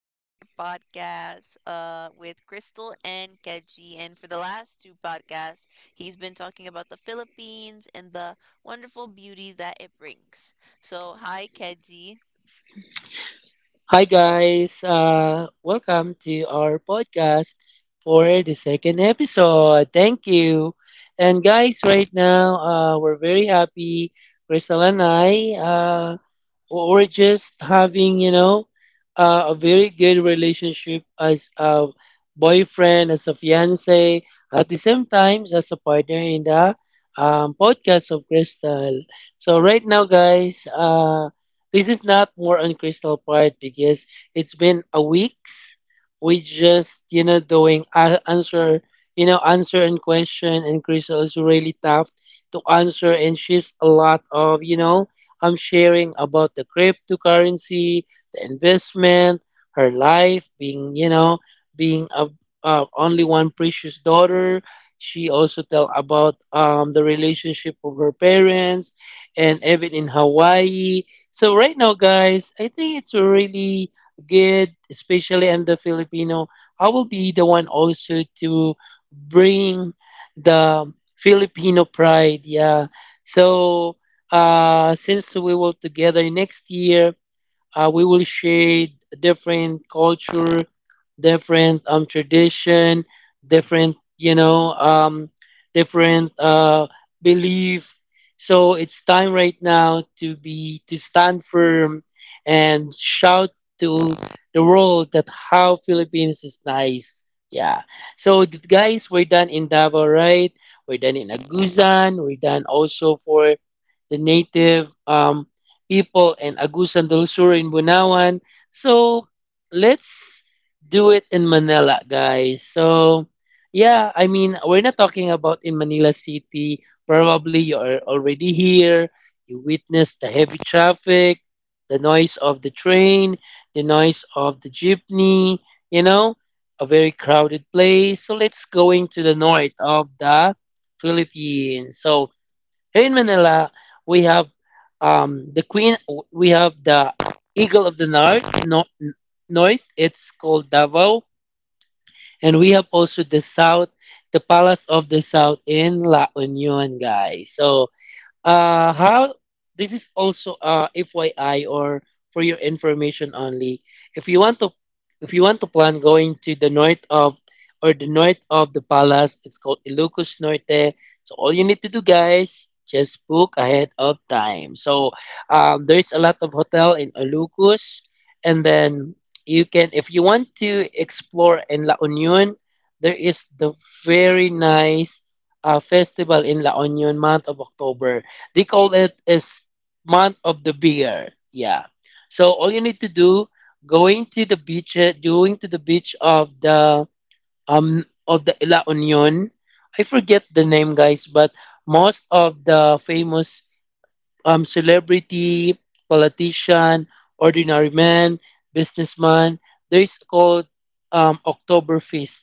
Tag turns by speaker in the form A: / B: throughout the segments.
A: another podcast with Crystal and Keji. And for the last two podcasts, he's been talking about the Philippines and the wonderful beauty that it brings. So, hi Keji.
B: Hi guys, welcome to our podcast for the second episode. Thank you. And guys, right now we're very happy. Crystal and I. Or just having a very good relationship as a boyfriend, as a fiance, at the same time as a partner in the podcast of Crystal. So right now guys, this is not more on Crystal part because it's been a weeks. We just doing answer, answer and question, and Crystal is really tough to answer, and she's a lot of I'm sharing about the cryptocurrency, the investment, her life being, being a, only one precious daughter. She also tell about the relationship of her parents and even in Hawaii. So right now, guys, I think it's really good, especially in the Filipino. I will be the one also to bring the Filipino pride. Yeah. So since we will together next year, we will share different culture, different tradition, different you know different belief. So it's time right now to be to stand firm and shout to the world that how Philippines is nice. Yeah. So guys, we're done in Davao, right? We're done in Agusan. We're done also for the native. People in Agusan del Sur in Bunawan. So let's do it in Manila, guys. So yeah, I mean, we're not talking about in Manila City. Probably you're already here. You witnessed the heavy traffic, the noise of the train, the noise of the jeepney, you know, a very crowded place. So let's go into the north of the Philippines. So here in Manila, we have the Queen. We have the Eagle of the North. No, north. It's called Davao, and we have also the South, the Palace of the South in La Union, guys. So how this is also FYI or for your information only. If you want to, if you want to plan going to the north of or the north of the palace, it's called Ilocos Norte. So all you need to do, guys, just book ahead of time. So there is a lot of hotel in Ilocos, and then you can, if you want to explore in La Union, there is the very nice festival in La Union month of October. They call it is month of the beer. Yeah. So all you need to do, going to the beach, going to the beach of the La Union. I forget the name, guys, but most of the famous celebrity, politician, ordinary man, businessman, there is called Oktoberfest.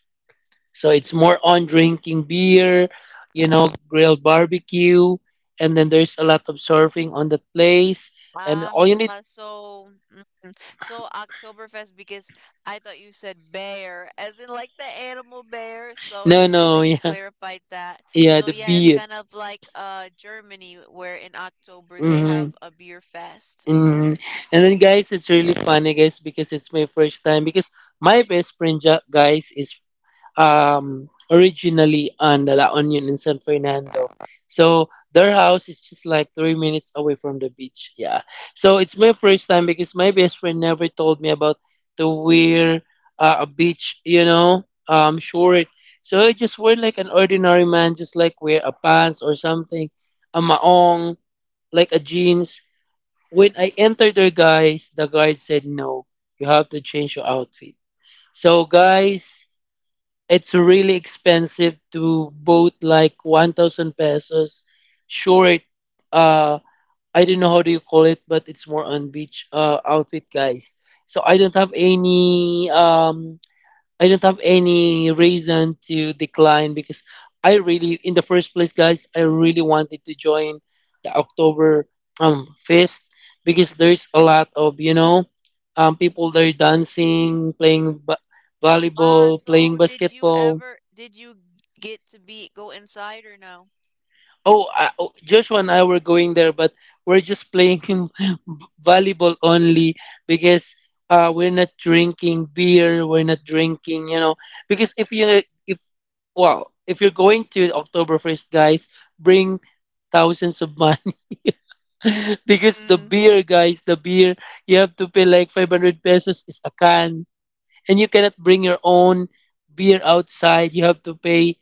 B: So it's more on drinking beer, you know, grilled barbecue, and then there's a lot of surfing on that place. And
A: Ah,
B: all you need,
A: so mm, so Oktoberfest because I thought you said bear, as in like the animal bear. So
B: no,
A: it's good
B: no,
A: that you
B: yeah,
A: clarified that.
B: yeah,
A: So
B: the
A: yeah, it's
B: beer.
A: kind of like Germany where in October they
B: Mm-hmm.
A: have a beer fest. Mm.
B: Mm, and then guys, it's really funny guys because it's my first time because my best friend guys is originally on the La Union in San Fernando. So their house is just like 3 minutes away from the beach. Yeah. So it's my first time because my best friend never told me about to wear a beach, you know, short. So I just wear like an ordinary man, just like wear a pants or something, a maong, like a jeans when I entered there, guys, the guard said, no, you have to change your outfit. So, guys, it's really expensive to both like 1,000 pesos short, uh, I don't know how do you call it, but it's more on beach outfit, guys. So, I don't have any reason to decline because I really, in the first place, guys, I really wanted to join the October fest because there's a lot of people there dancing, playing
A: Ah,
B: volleyball, playing
A: so did you
B: basketball.
A: ever did you get to be go inside or no?
B: Oh, oh, Joshua and I were going there, but we're just playing volleyball only because we're not drinking beer. We're not drinking, you know, because if you if well, if you're going to Oktoberfest, guys, bring thousands of money because the
A: Mm.
B: beer, guys, the beer, you have to pay like 500 pesos is a can, and you cannot bring your own beer outside. You have to pay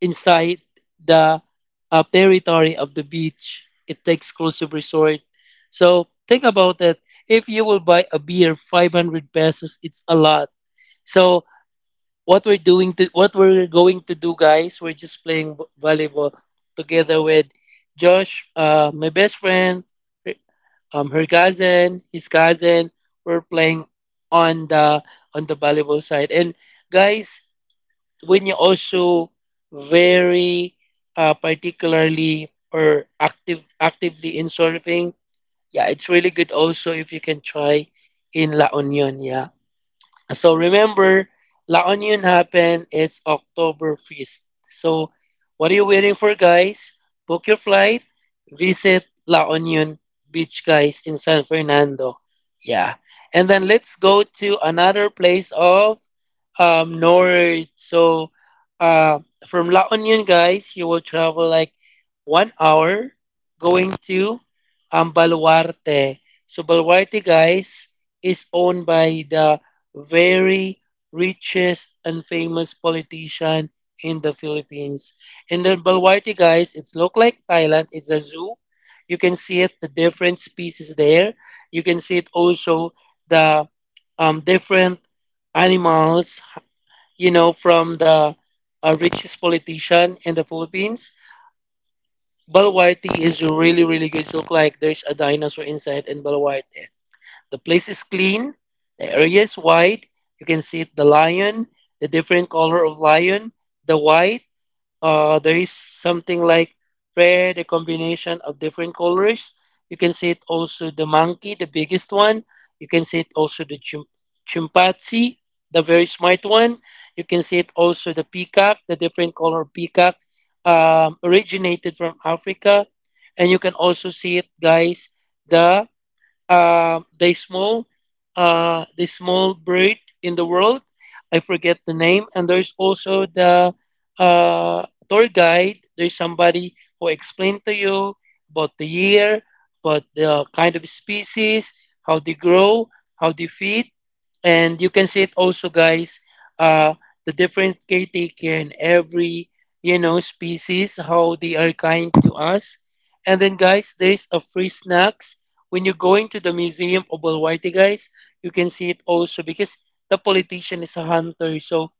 B: inside the territory of the beach. It's the exclusive resort. So think about it. If you will buy a beer, 500 pesos, it's a lot. So what we're going to do, guys, we're just playing volleyball together with Josh, my best friend, her- her cousin, his cousin. We're playing on the on the volleyball side. And guys, when you also very particularly or active actively in surfing, yeah, it's really good also if you can try in La Union. Yeah. So remember, La Union happened. It's October 1st. So what are you waiting for, guys? Book your flight. Visit La Union Beach, guys, in San Fernando. Yeah. And then let's go to another place of north. So uh, from La Union, guys, you will travel like 1 hour going to Baluarte. So Baluarte, guys, is owned by the very richest and famous politician in the Philippines. And then Balwarte, guys, it's look like Thailand. It's a zoo. You can see it, the different species there. You can see it also the different animals, you know, from the richest politician in the Philippines. Balwarte is really, really good. It look like there's a dinosaur inside in Balwarte. The place is clean, the area is wide. You can see the lion, the different color of lion, the white. There is something like red, a combination of different colors. You can see it also the monkey, the biggest one. You can see it also the chimpanzee, the very smart one. You can see it also the peacock, the different color of peacock originated from Africa. And you can also see it, guys, the they small the small breed in the world. I forget the name. And there's also the tour guide. There's somebody who explained to you about the year, about the kind of species, how they grow, how they feed, and you can see it also, guys. Uh, the different caretaker in every species, how they are kind to us. And then, guys, there's a free snacks. When you're going to the Museum of Alwaite, guys, you can see it also because the politician is a hunter. So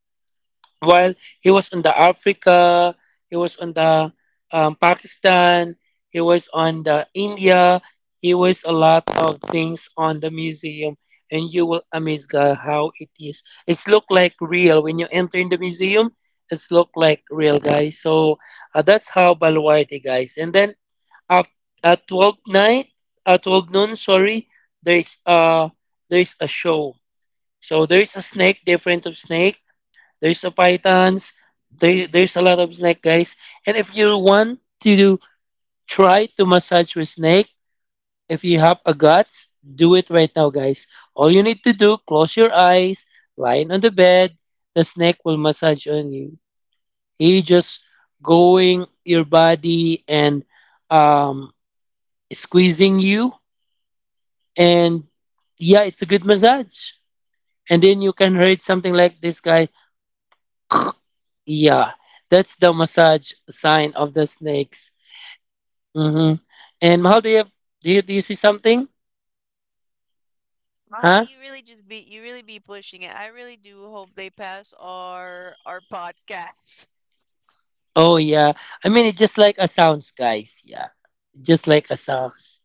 B: while he was on the Africa, he was on the Pakistan, he was on the India, he was a lot of things on the museum, and you will amaze God how it is. It's look like real when you enter in the museum. It's look like real, guys. So that's how Balwaite, guys. And then at at 12 noon, sorry, there is a show. So there is a snake, different of snake. There is a pythons. There's a lot of snake guys. And if you want to do, try to massage with snake, if you have a guts, do it right now, guys. All you need to do, close your eyes, lying on the bed. The snake will massage on you. He just going your body and um squeezing you, and yeah, it's a good massage. And then you can rate something like this guy. Yeah, that's the massage sign of the snakes. hmm And how do you do? Do you see something?
A: Wow,
B: Huh?
A: you really be pushing it. I really do hope they pass our podcast.
B: Oh yeah. I mean, it's just like a sounds, guys. Yeah, just like a sounds.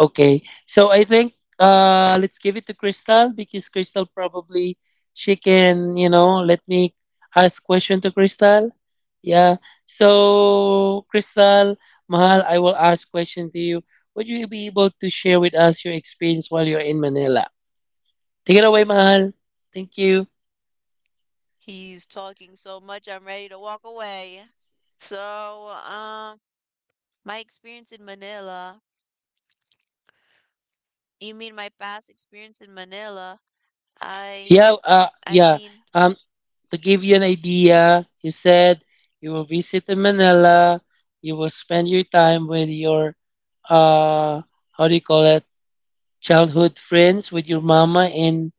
B: Okay. So I think let's give it to Crystal because Crystal probably she can, you know, let me ask question to Crystal. Yeah. So Crystal, Mahal, I will ask question to you. Would you be able to share with us your experience while you're in Manila? Take it away, Mahal. Thank you.
A: He's talking so much, I'm ready to walk away. So, my experience in Manila, you mean my past experience in Manila?
B: Yeah,
A: I, I
B: yeah.
A: mean,
B: Um to give you an idea, you said you will visit in Manila. You will spend your time with your, uh, how do you call it, childhood friends with your mama in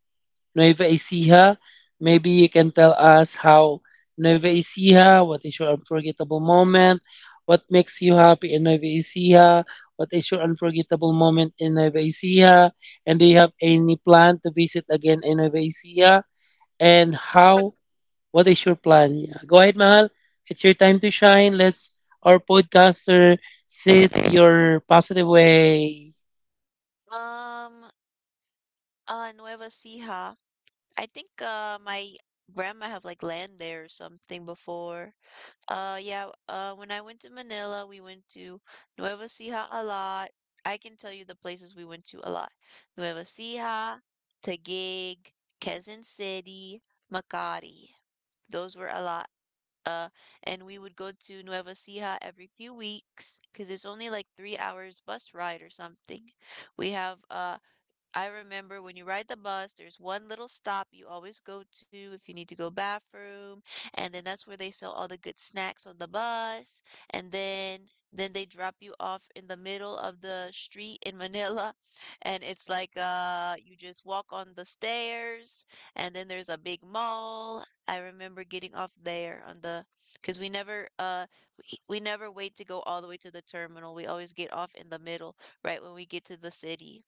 B: Nueva Ecija. Maybe you can tell us how Nueva Ecija, what is your unforgettable moment? What makes you happy in Nueva Ecija? What is your unforgettable moment in Nueva Ecija? And do you have any plan to visit again in Nueva Ecija? And how what is your plan? Yeah. Go ahead, Mahal. It's your time to shine. Let's our podcaster sit your positive way.
A: um, Nueva Ecija. I think, my grandma have like land there or something before. Yeah, when I went to Manila, we went to Nueva Ecija a lot. I can tell you the places we went to a lot. Nueva Ecija, Taguig, Quezon City, Makati. Those were a lot. Uh, and we would go to Nueva Ecija every few weeks because it's only like 3 hours bus ride or something. We have I remember when you ride the bus, there's one little stop you always go to if you need to go bathroom, and then that's where they sell all the good snacks on the bus, and then they drop you off in the middle of the street in Manila, and it's like you just walk on the stairs, and then there's a big mall. I remember getting off there on the because we never we never wait to go all the way to the terminal. We always get off in the middle right when we get to the city.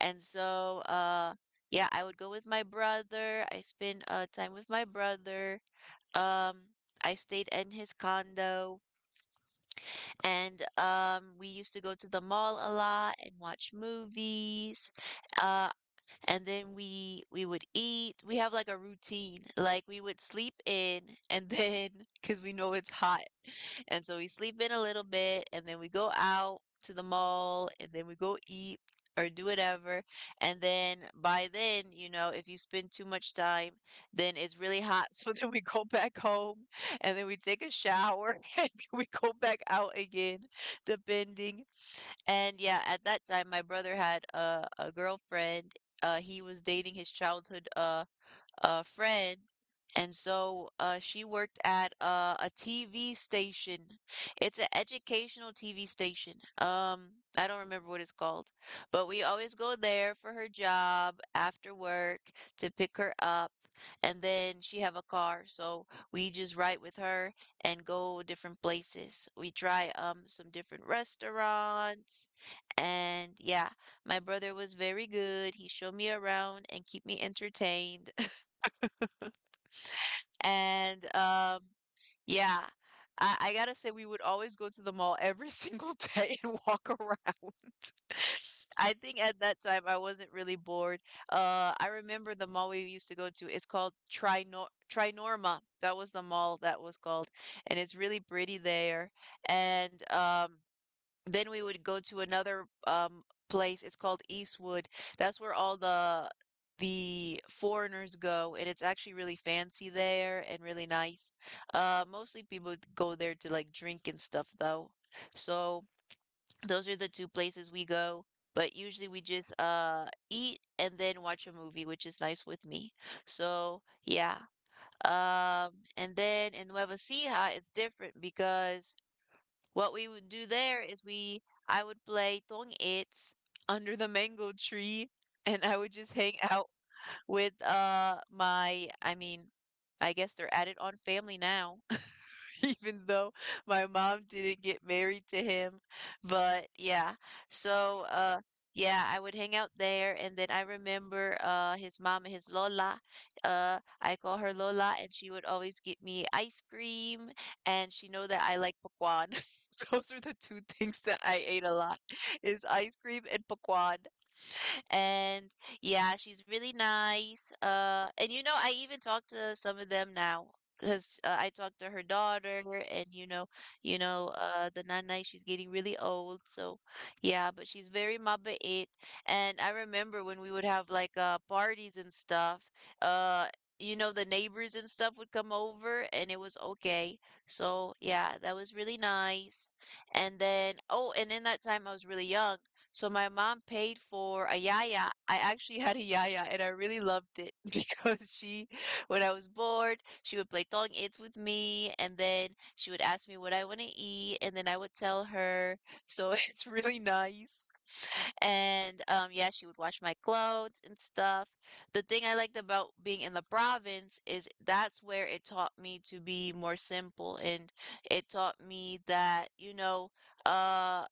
A: And so, yeah, I would go with my brother. I spent time with my brother. Um, I stayed in his condo, and we used to go to the mall a lot and watch movies. Uh, and then we would eat. We have like a routine. Like we would sleep in, and then because we know it's hot and so we sleep in a little bit and then we go out to the mall and then we go eat or do whatever. And then by then, you know, if you spend too much time, then it's really hot. So then we go back home and then we take a shower and then we go back out again, depending. And yeah, at that time, my brother had a girlfriend. He was dating his childhood friend. And so she worked at a TV station. It's an educational TV station. I don't remember what it's called, but we always go there for her job after work to pick her up. And then she have a car, so we just ride with her and go different places. We try some different restaurants, and yeah, my brother was very good. He showed me around and keep me entertained. And, yeah, I gotta say, we would always go to the mall every single day and walk around. I think at that time I wasn't really bored. I remember the mall we used to go to. It's called Trinorma. That was the mall that was called, and it's really pretty there. And then we would go to another place. It's called Eastwood. That's where all the foreigners go, and it's actually really fancy there and really nice. Mostly people go there to like drink and stuff though. So those are the two places we go, but usually we just eat and then watch a movie, which is nice with me. So yeah. And then in Nueva Ecija, it's different because what we would do there is we I would play Tong It's under the mango tree and I would just hang out with I guess they're added on family now, even though my mom didn't get married to him. But yeah. So uh yeah, I would hang out there and then I remember his Lola. I call her Lola and she would always get me ice cream and she know that I like pecan. Those are the two things that I ate a lot is ice cream and pecan and yeah, she's really nice. And you know, I even talked to some of them now because I talked to her daughter, and you know, the nana she's getting really old, so yeah, but she's very mabait. And I remember when we would have like parties and stuff, uh. You know, the neighbors and stuff would come over and it was okay. So, yeah, that was really nice. And then, oh, and in that time I was really young. So my mom paid for a yaya. I actually had a yaya and I really loved it because she, when I was bored, she would play tong its with me and then she would ask me what I want to eat and then I would tell her. So it's really nice. And yeah, she would wash my clothes and stuff. The thing I liked about being in the province is that's where it taught me to be more simple and it taught me that, you know, uh,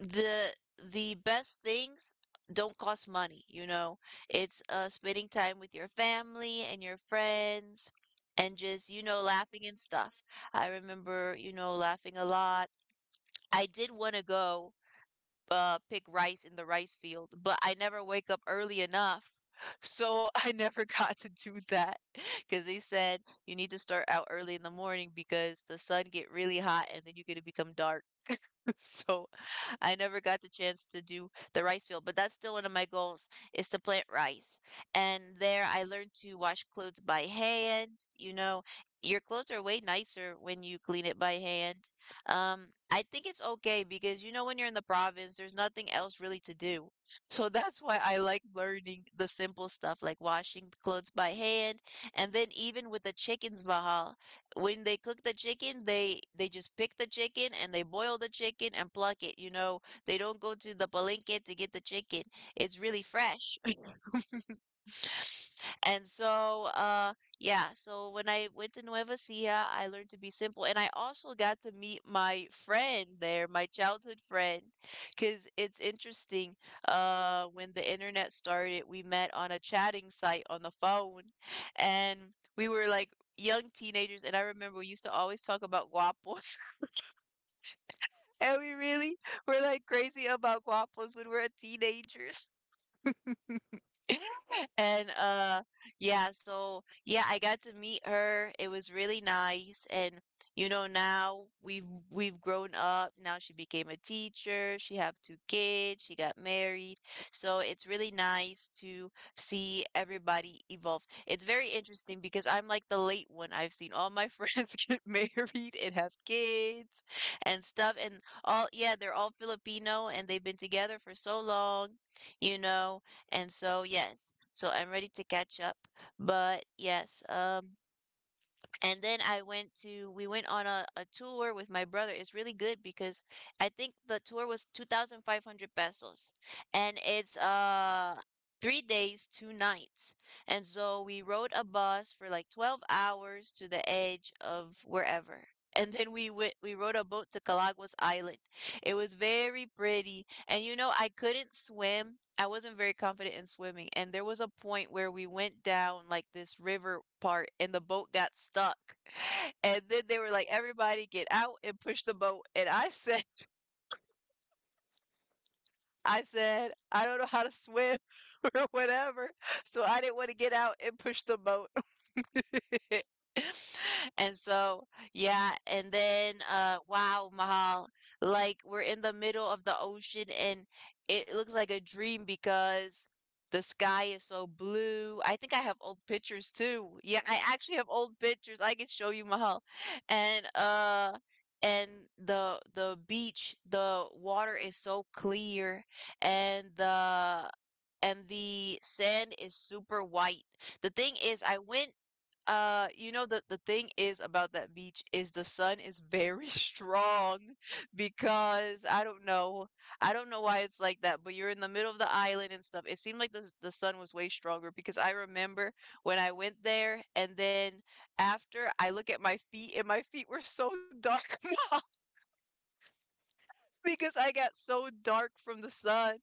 A: the best things don't cost money, you know. It's spending time with your family and your friends and just, you know, laughing and stuff. I remember, you know, laughing a lot. I did want to go pick rice in the rice field, but I never wake up early enough. So I never got to do that because they said you need to start out early in the morning because the sun get really hot and then you're gonna become dark. So I never got the chance to do the rice field, but that's still one of my goals is to plant rice. And there I learned to wash clothes by hand. You know, your clothes are way nicer when you clean it by hand. I think it's okay because you know when you're in the province, there's nothing else really to do. So that's why I like learning the simple stuff like washing the clothes by hand, and then even with the chickens, Bahal, when they cook the chicken, they just pick the chicken and they boil the chicken and pluck it. You know, they don't go to the palenque to get the chicken. It's really fresh. And so, yeah, so when I went to Nueva Ecija, I learned to be simple. And I also got to meet my friend there, my childhood friend, because it's interesting. When the internet started, we met on a chatting site on the phone, and we were like young teenagers. And I remember we used to always talk about guapos, and we really were like crazy about guapos when we were teenagers. And Yeah, so yeah, I got to meet her. It was really nice and you know now we've grown up. Now she became a teacher. She have 2 kids. She got married. So it's really nice to see everybody evolve. It's very interesting because I'm like the late one. I've seen all my friends get married and have kids and stuff and all yeah, they're all Filipino and they've been together for so long, you know and so, yes, so I'm ready to catch up. But yes, and then I went to, we went on a tour with my brother. It's really good because I think the tour was 2,500 pesos and it's 3 days, 2 nights. And so we rode a bus for like 12 hours to the edge of wherever. And then we went, we rode a boat to Calagos Island. It was very pretty. And you know, I couldn't swim. I wasn't very confident in swimming. And there was a point where we went down like this river part and the boat got stuck. And then they were like, everybody get out and push the boat. And I said, I don't know how to swim or whatever. So I didn't want to get out and push the boat. And so, yeah, and then wow, Mahal, like we're in the middle of the ocean and it looks like a dream because the sky is so blue. I think I have old pictures too. Yeah, I actually have old pictures. I can show you, Mahal. And uh and the beach, the water is so clear and the and the sand is super white. The thing is, I went the thing is about that beach is the sun is very strong because I don't know. I don't know why it's like that, but you're in the middle of the island and stuff. It seemed like the sun was way stronger because I remember when I went there and then after I look at my feet and my feet were so dark now, because I got so dark from the sun.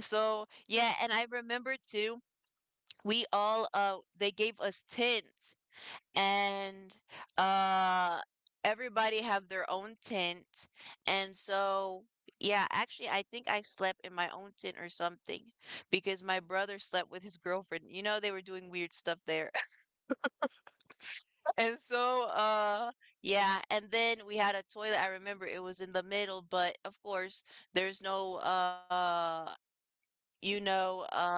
A: So, yeah, and I remember too, we all they gave us tents and uh everybody have their own tent, and so yeah, actually I think I slept in my own tent or something because my brother slept with his girlfriend. You know, they were doing weird stuff there. And yeah, and then we had a toilet. I remember it was in the middle, but of course there's no you know, uh,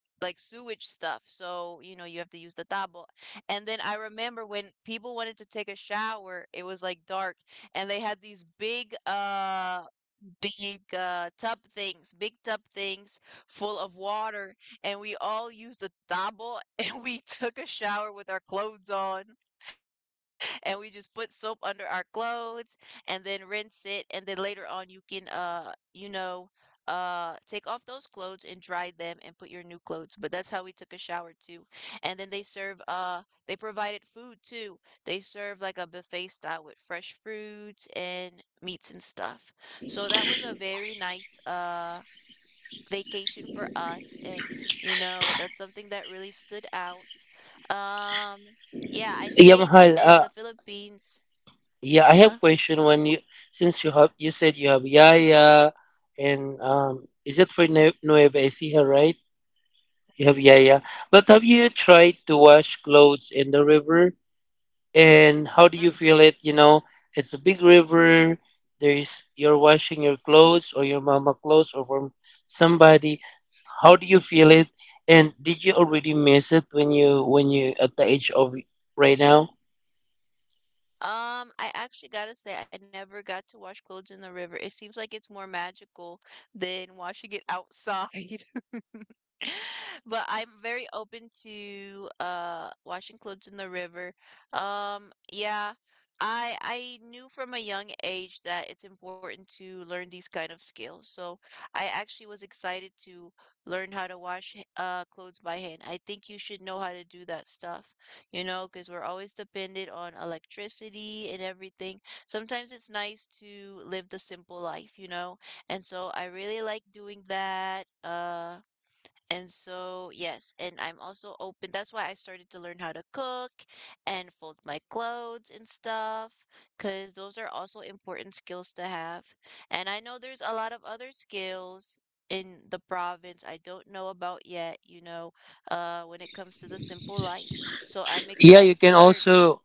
A: like sewage stuff. So, you know, you have to use the tabo. And then I remember when people wanted to take a shower, it was like dark and they had these tub things, big tub things full of water. And we all used the tabo and we took a shower with our clothes on, and we just put soap under our clothes and then rinse it. And then later on you can take off those clothes and dry them and put your new clothes. But that's how we took a shower too. And then they provided food too. They serve like a buffet style with fresh fruits and meats and stuff. So that was a very nice vacation for us. And you know, that's something that really stood out. um yeah, I
B: Yeah,
A: stayed
B: Mahal.
A: in the Philippines.
B: Yeah, I have
A: uh,
B: question when you, since you said you have Yaya and is it for Nueva Ecija, right? You have Yaya, but have you tried to wash clothes in the river? And how do you feel it? You know, it's a big river. There is you're washing your clothes or your mama clothes or from somebody. How do you feel it? And did you already miss it when you at the age of right now?
A: I actually gotta say, I never got to wash clothes in the river. It seems like it's more magical than washing it outside. But I'm very open to washing clothes in the river. Yeah, I knew from a young age that it's important to learn these kind of skills. So I actually was excited to learn how to wash clothes by hand. I think you should know how to do that stuff, you know, because we're always dependent on electricity and everything. Sometimes it's nice to live the simple life, you know. And so I really like doing that. And so, yes, and I'm also open. That's why I started to learn how to cook and fold my clothes and stuff, because those are also important skills to have. And I know there's a lot of other skills in the province I don't know about yet, you know, when it comes to the simple life. So I'm
B: Yeah, you
A: excited to
B: can
A: learn.
B: also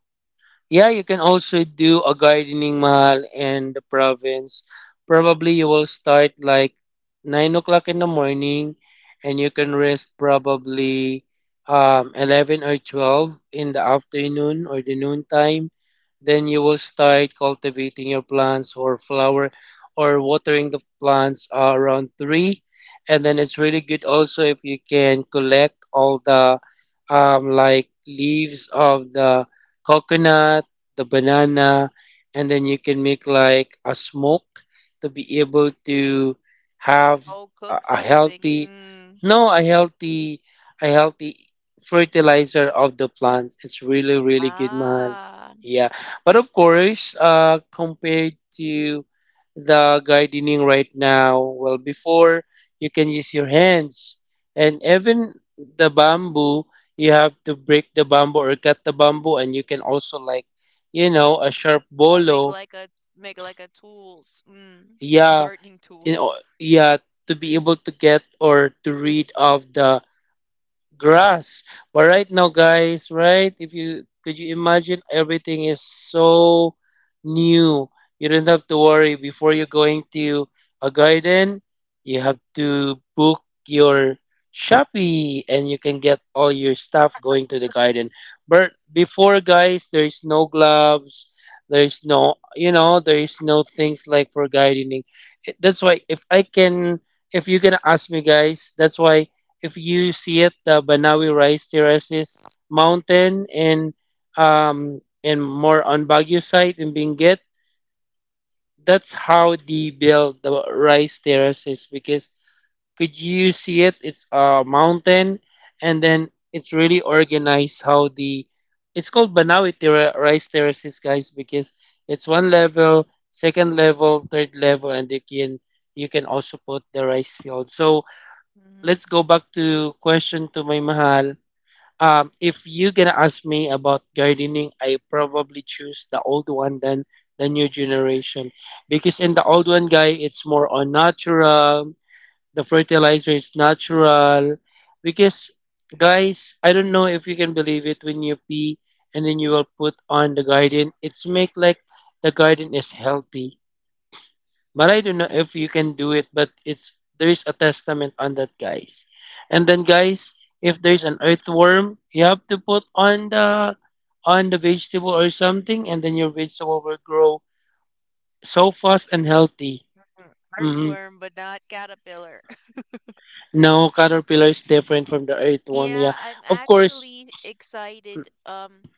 B: Yeah, you can also do a gardening mall in the province. Probably you will start like 9 o'clock in the morning, and you can rest probably 11 or 12 in the afternoon or the noon time. Then you will start cultivating your plants or flower or watering the plants around three. And then it's really good also if you can collect all the like leaves of the coconut, the banana, and then you can make like a smoke to be able to have
A: Oh, cook
B: a
A: something.
B: healthy,
A: Mm.
B: no, a healthy fertilizer of the plant. It's really, really good, mahal.
A: Ah,
B: Yeah, but of course, compared to the gardening right now, well, before you can use your hands, and even the bamboo you have to break the bamboo or cut the bamboo, and you can also, like, you know, a sharp
A: I'll make
B: bolo.
A: like a make like a tools. Mm.
B: Yeah,
A: Gardening
B: you know.
A: tools.
B: Yeah, to be able to get or to read of the grass. But right now, guys, right? If you could, you imagine everything is so new. You don't have to worry. Before, you're going to a garden, you have to book your Shopee and you can get all your stuff going to the garden. But before, guys, there is no gloves. There is no, you know, there is no things like for gardening. That's why if I can, if you can ask me, guys, that's why if you see it, the Banawi Rice Terraces Mountain and more on Baguio side in Benguet. That's how they build the rice terraces, because could you see it? It's a mountain, and then it's really organized how the it's called Banawi Terra Rice Terraces, guys, because it's one level, second level, third level, and you can also put the rice field. So let's go back to question to my mahal. If you gonna ask me about gardening, I probably choose the old one than the new generation, because in the old one, guy, it's more on natural. The fertilizer is natural because, guys, I don't know if you can believe it, when you pee and then you will put on the garden, it's make like the garden is healthy. But I don't know if you can do it, but it's there's a testament on that, guys. And then, guys, if there's an earthworm, you have to put on the vegetable or something, and then your vegetable will grow so fast and healthy.
A: Mm.
B: Hmm.
A: Earthworm, but not caterpillar.
B: No, caterpillar is different from the earthworm. Yeah,
A: Yeah, I'm
B: of course.
A: actually excited.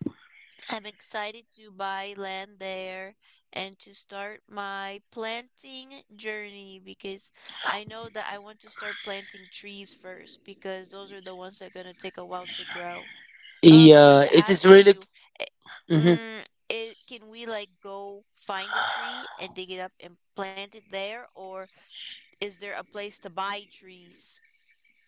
A: I'm excited to buy land there and to start my planting journey, because I know that I want to start planting trees first because those are the ones that are gonna take a while to grow. I want
B: Yeah,
A: to
B: it is
A: ask
B: really.
A: you,
B: Mhm.
A: mm, I can we like go find a tree and dig it up and plant it there, or is there a place to buy trees?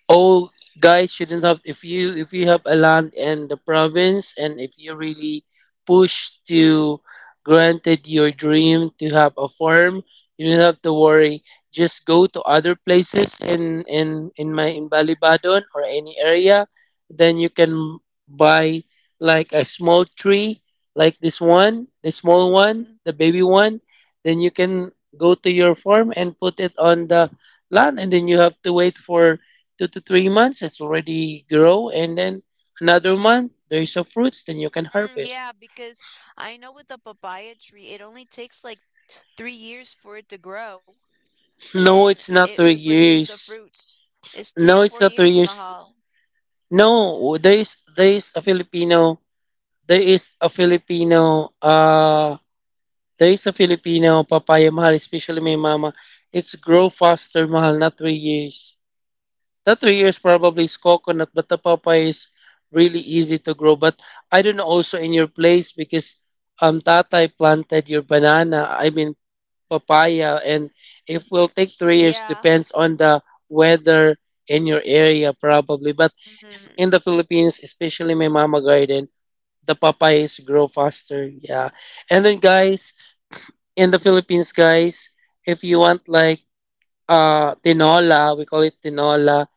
B: All guys shouldn't have. If you if you have a land in the province, and if you really push to granted your dream to have a farm, you don't have to worry. Just go to other places in my in Balibadon or any area, then you can buy like a small tree, like this one, the small one, the baby one, then you can go to your farm and put it on the land, and then you have to wait for 2 to 3 months, it's already grow, and then another month, there's a fruits, then you can
A: Mm,
B: harvest.
A: yeah, because I know with the papaya tree, it only takes like 3 years for it to grow
B: No,
A: and
B: it's not
A: it to
B: three
A: produce the
B: years.
A: fruits. It's three or
B: No, it's
A: four
B: not three
A: years,
B: years.
A: Mahal.
B: No, there is a Filipino, there is a Filipino uh there is a Filipino papaya, mahal, especially my mama. It's grow faster, mahal, not 3 years. That 3 years probably is coconut, but the papaya is really easy to grow. But I don't know also in your place, because tatay planted your banana, I mean papaya, and if
A: Mm,
B: will take 3 years
A: yeah.
B: depends on the weather in your area probably. But
A: Mm-hmm.
B: in the Philippines, especially my mama garden, the papayas grow faster. Yeah. And then, guys, in the Philippines, guys, if you want like tinola, we call it tinola,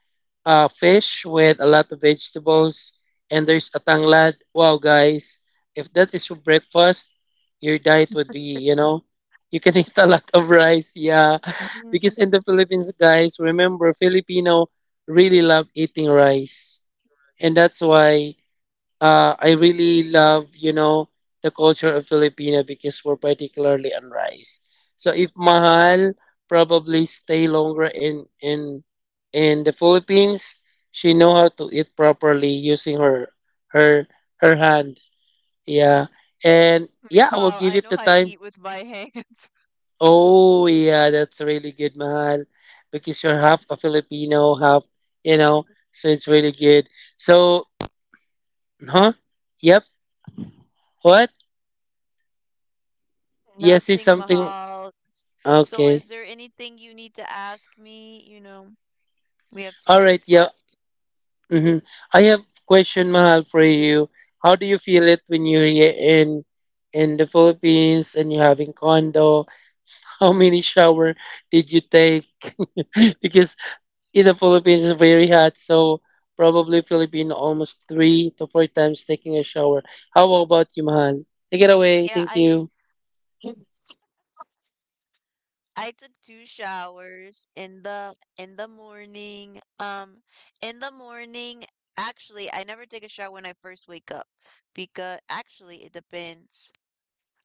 B: fish with a lot of vegetables, and there's a tanglad. Wow, guys, if that is for breakfast, your diet would be, you know, you can eat a lot of rice. Yeah, because in
A: Mm.
B: the Philippines, guys, remember, Filipino really love eating rice, and that's why I really love, you know, the culture of Filipino, because we're particularly on rice. So if Mahal probably stay longer in the Philippines, she know how to eat properly using her her hand. Yeah. And yeah, I
A: Mahal,
B: will
A: I
B: give
A: know how
B: it
A: to
B: the
A: eat
B: time.
A: with my hands.
B: Oh yeah, that's really good, Mahal, because you're half a Filipino, half, you know, so it's really good. So, huh? Yep. What? Yes, is
A: Nothing,
B: something.
A: Mahal. So, is
B: Okay.
A: there anything you need to ask me? You know, we have two
B: All
A: minutes
B: right. Yeah.
A: left.
B: Hmm. I have question, Mahal, for you. How do you feel it when you're here in the Philippines and you're having condo? How many shower did you take? Because in the Philippines it's very hot, so probably Philippine almost 3 to 4 times taking a shower. How about you, Mahal? Take it away.
A: Yeah,
B: Thank
A: I
B: you.
A: I took two showers in the morning. In the morning, actually, I never take a shower when I first wake up, because actually it depends.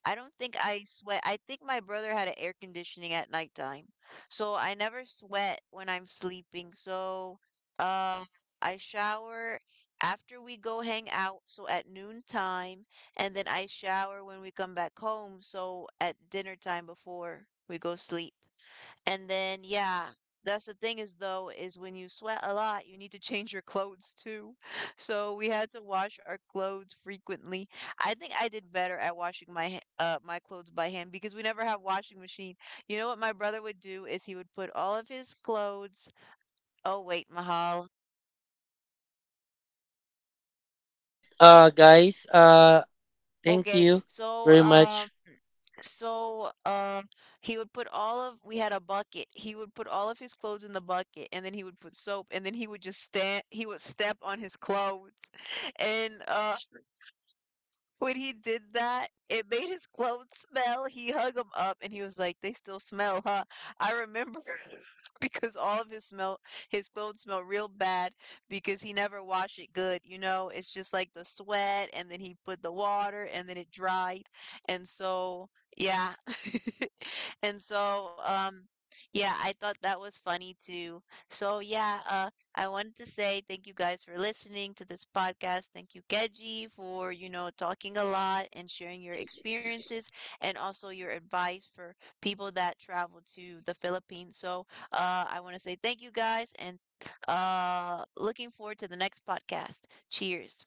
A: I don't think I sweat. I think my brother had an air conditioning at nighttime, so I never sweat when I'm sleeping. So, um, I shower after we go hang out, so at noon time, and then I shower when we come back home, so at dinner time before we go sleep. And then, yeah, that's the thing is though, is when you sweat a lot, you need to change your clothes too. So we had to wash our clothes frequently. I think I did better at washing my clothes by hand because we never have washing machine. You know what my brother would do is he would put all of his clothes. Oh wait, Mahal.
B: Right, guys. Thank
A: Okay,
B: you
A: so
B: very
A: um.
B: much
A: So, um, he would put all of, we had a bucket. He would put all of his clothes in the bucket, and then he would put soap, and then he would just stand. He would step on his clothes, and when he did that, it made his clothes smell. He hung them up and he was like, "They still smell, huh?" I remember because all of his smell, his clothes smell real bad because he never washed it good, you know? It's just like the sweat and then he put the water and then it dried. And so, yeah. And so yeah, I thought that was funny too. So yeah, I wanted to say thank you guys for listening to this podcast. Thank you, Keji, for, you know, talking a lot and sharing your experiences and also your advice for people that travel to the Philippines. So I want to say thank you guys, and looking forward to the next podcast. Cheers.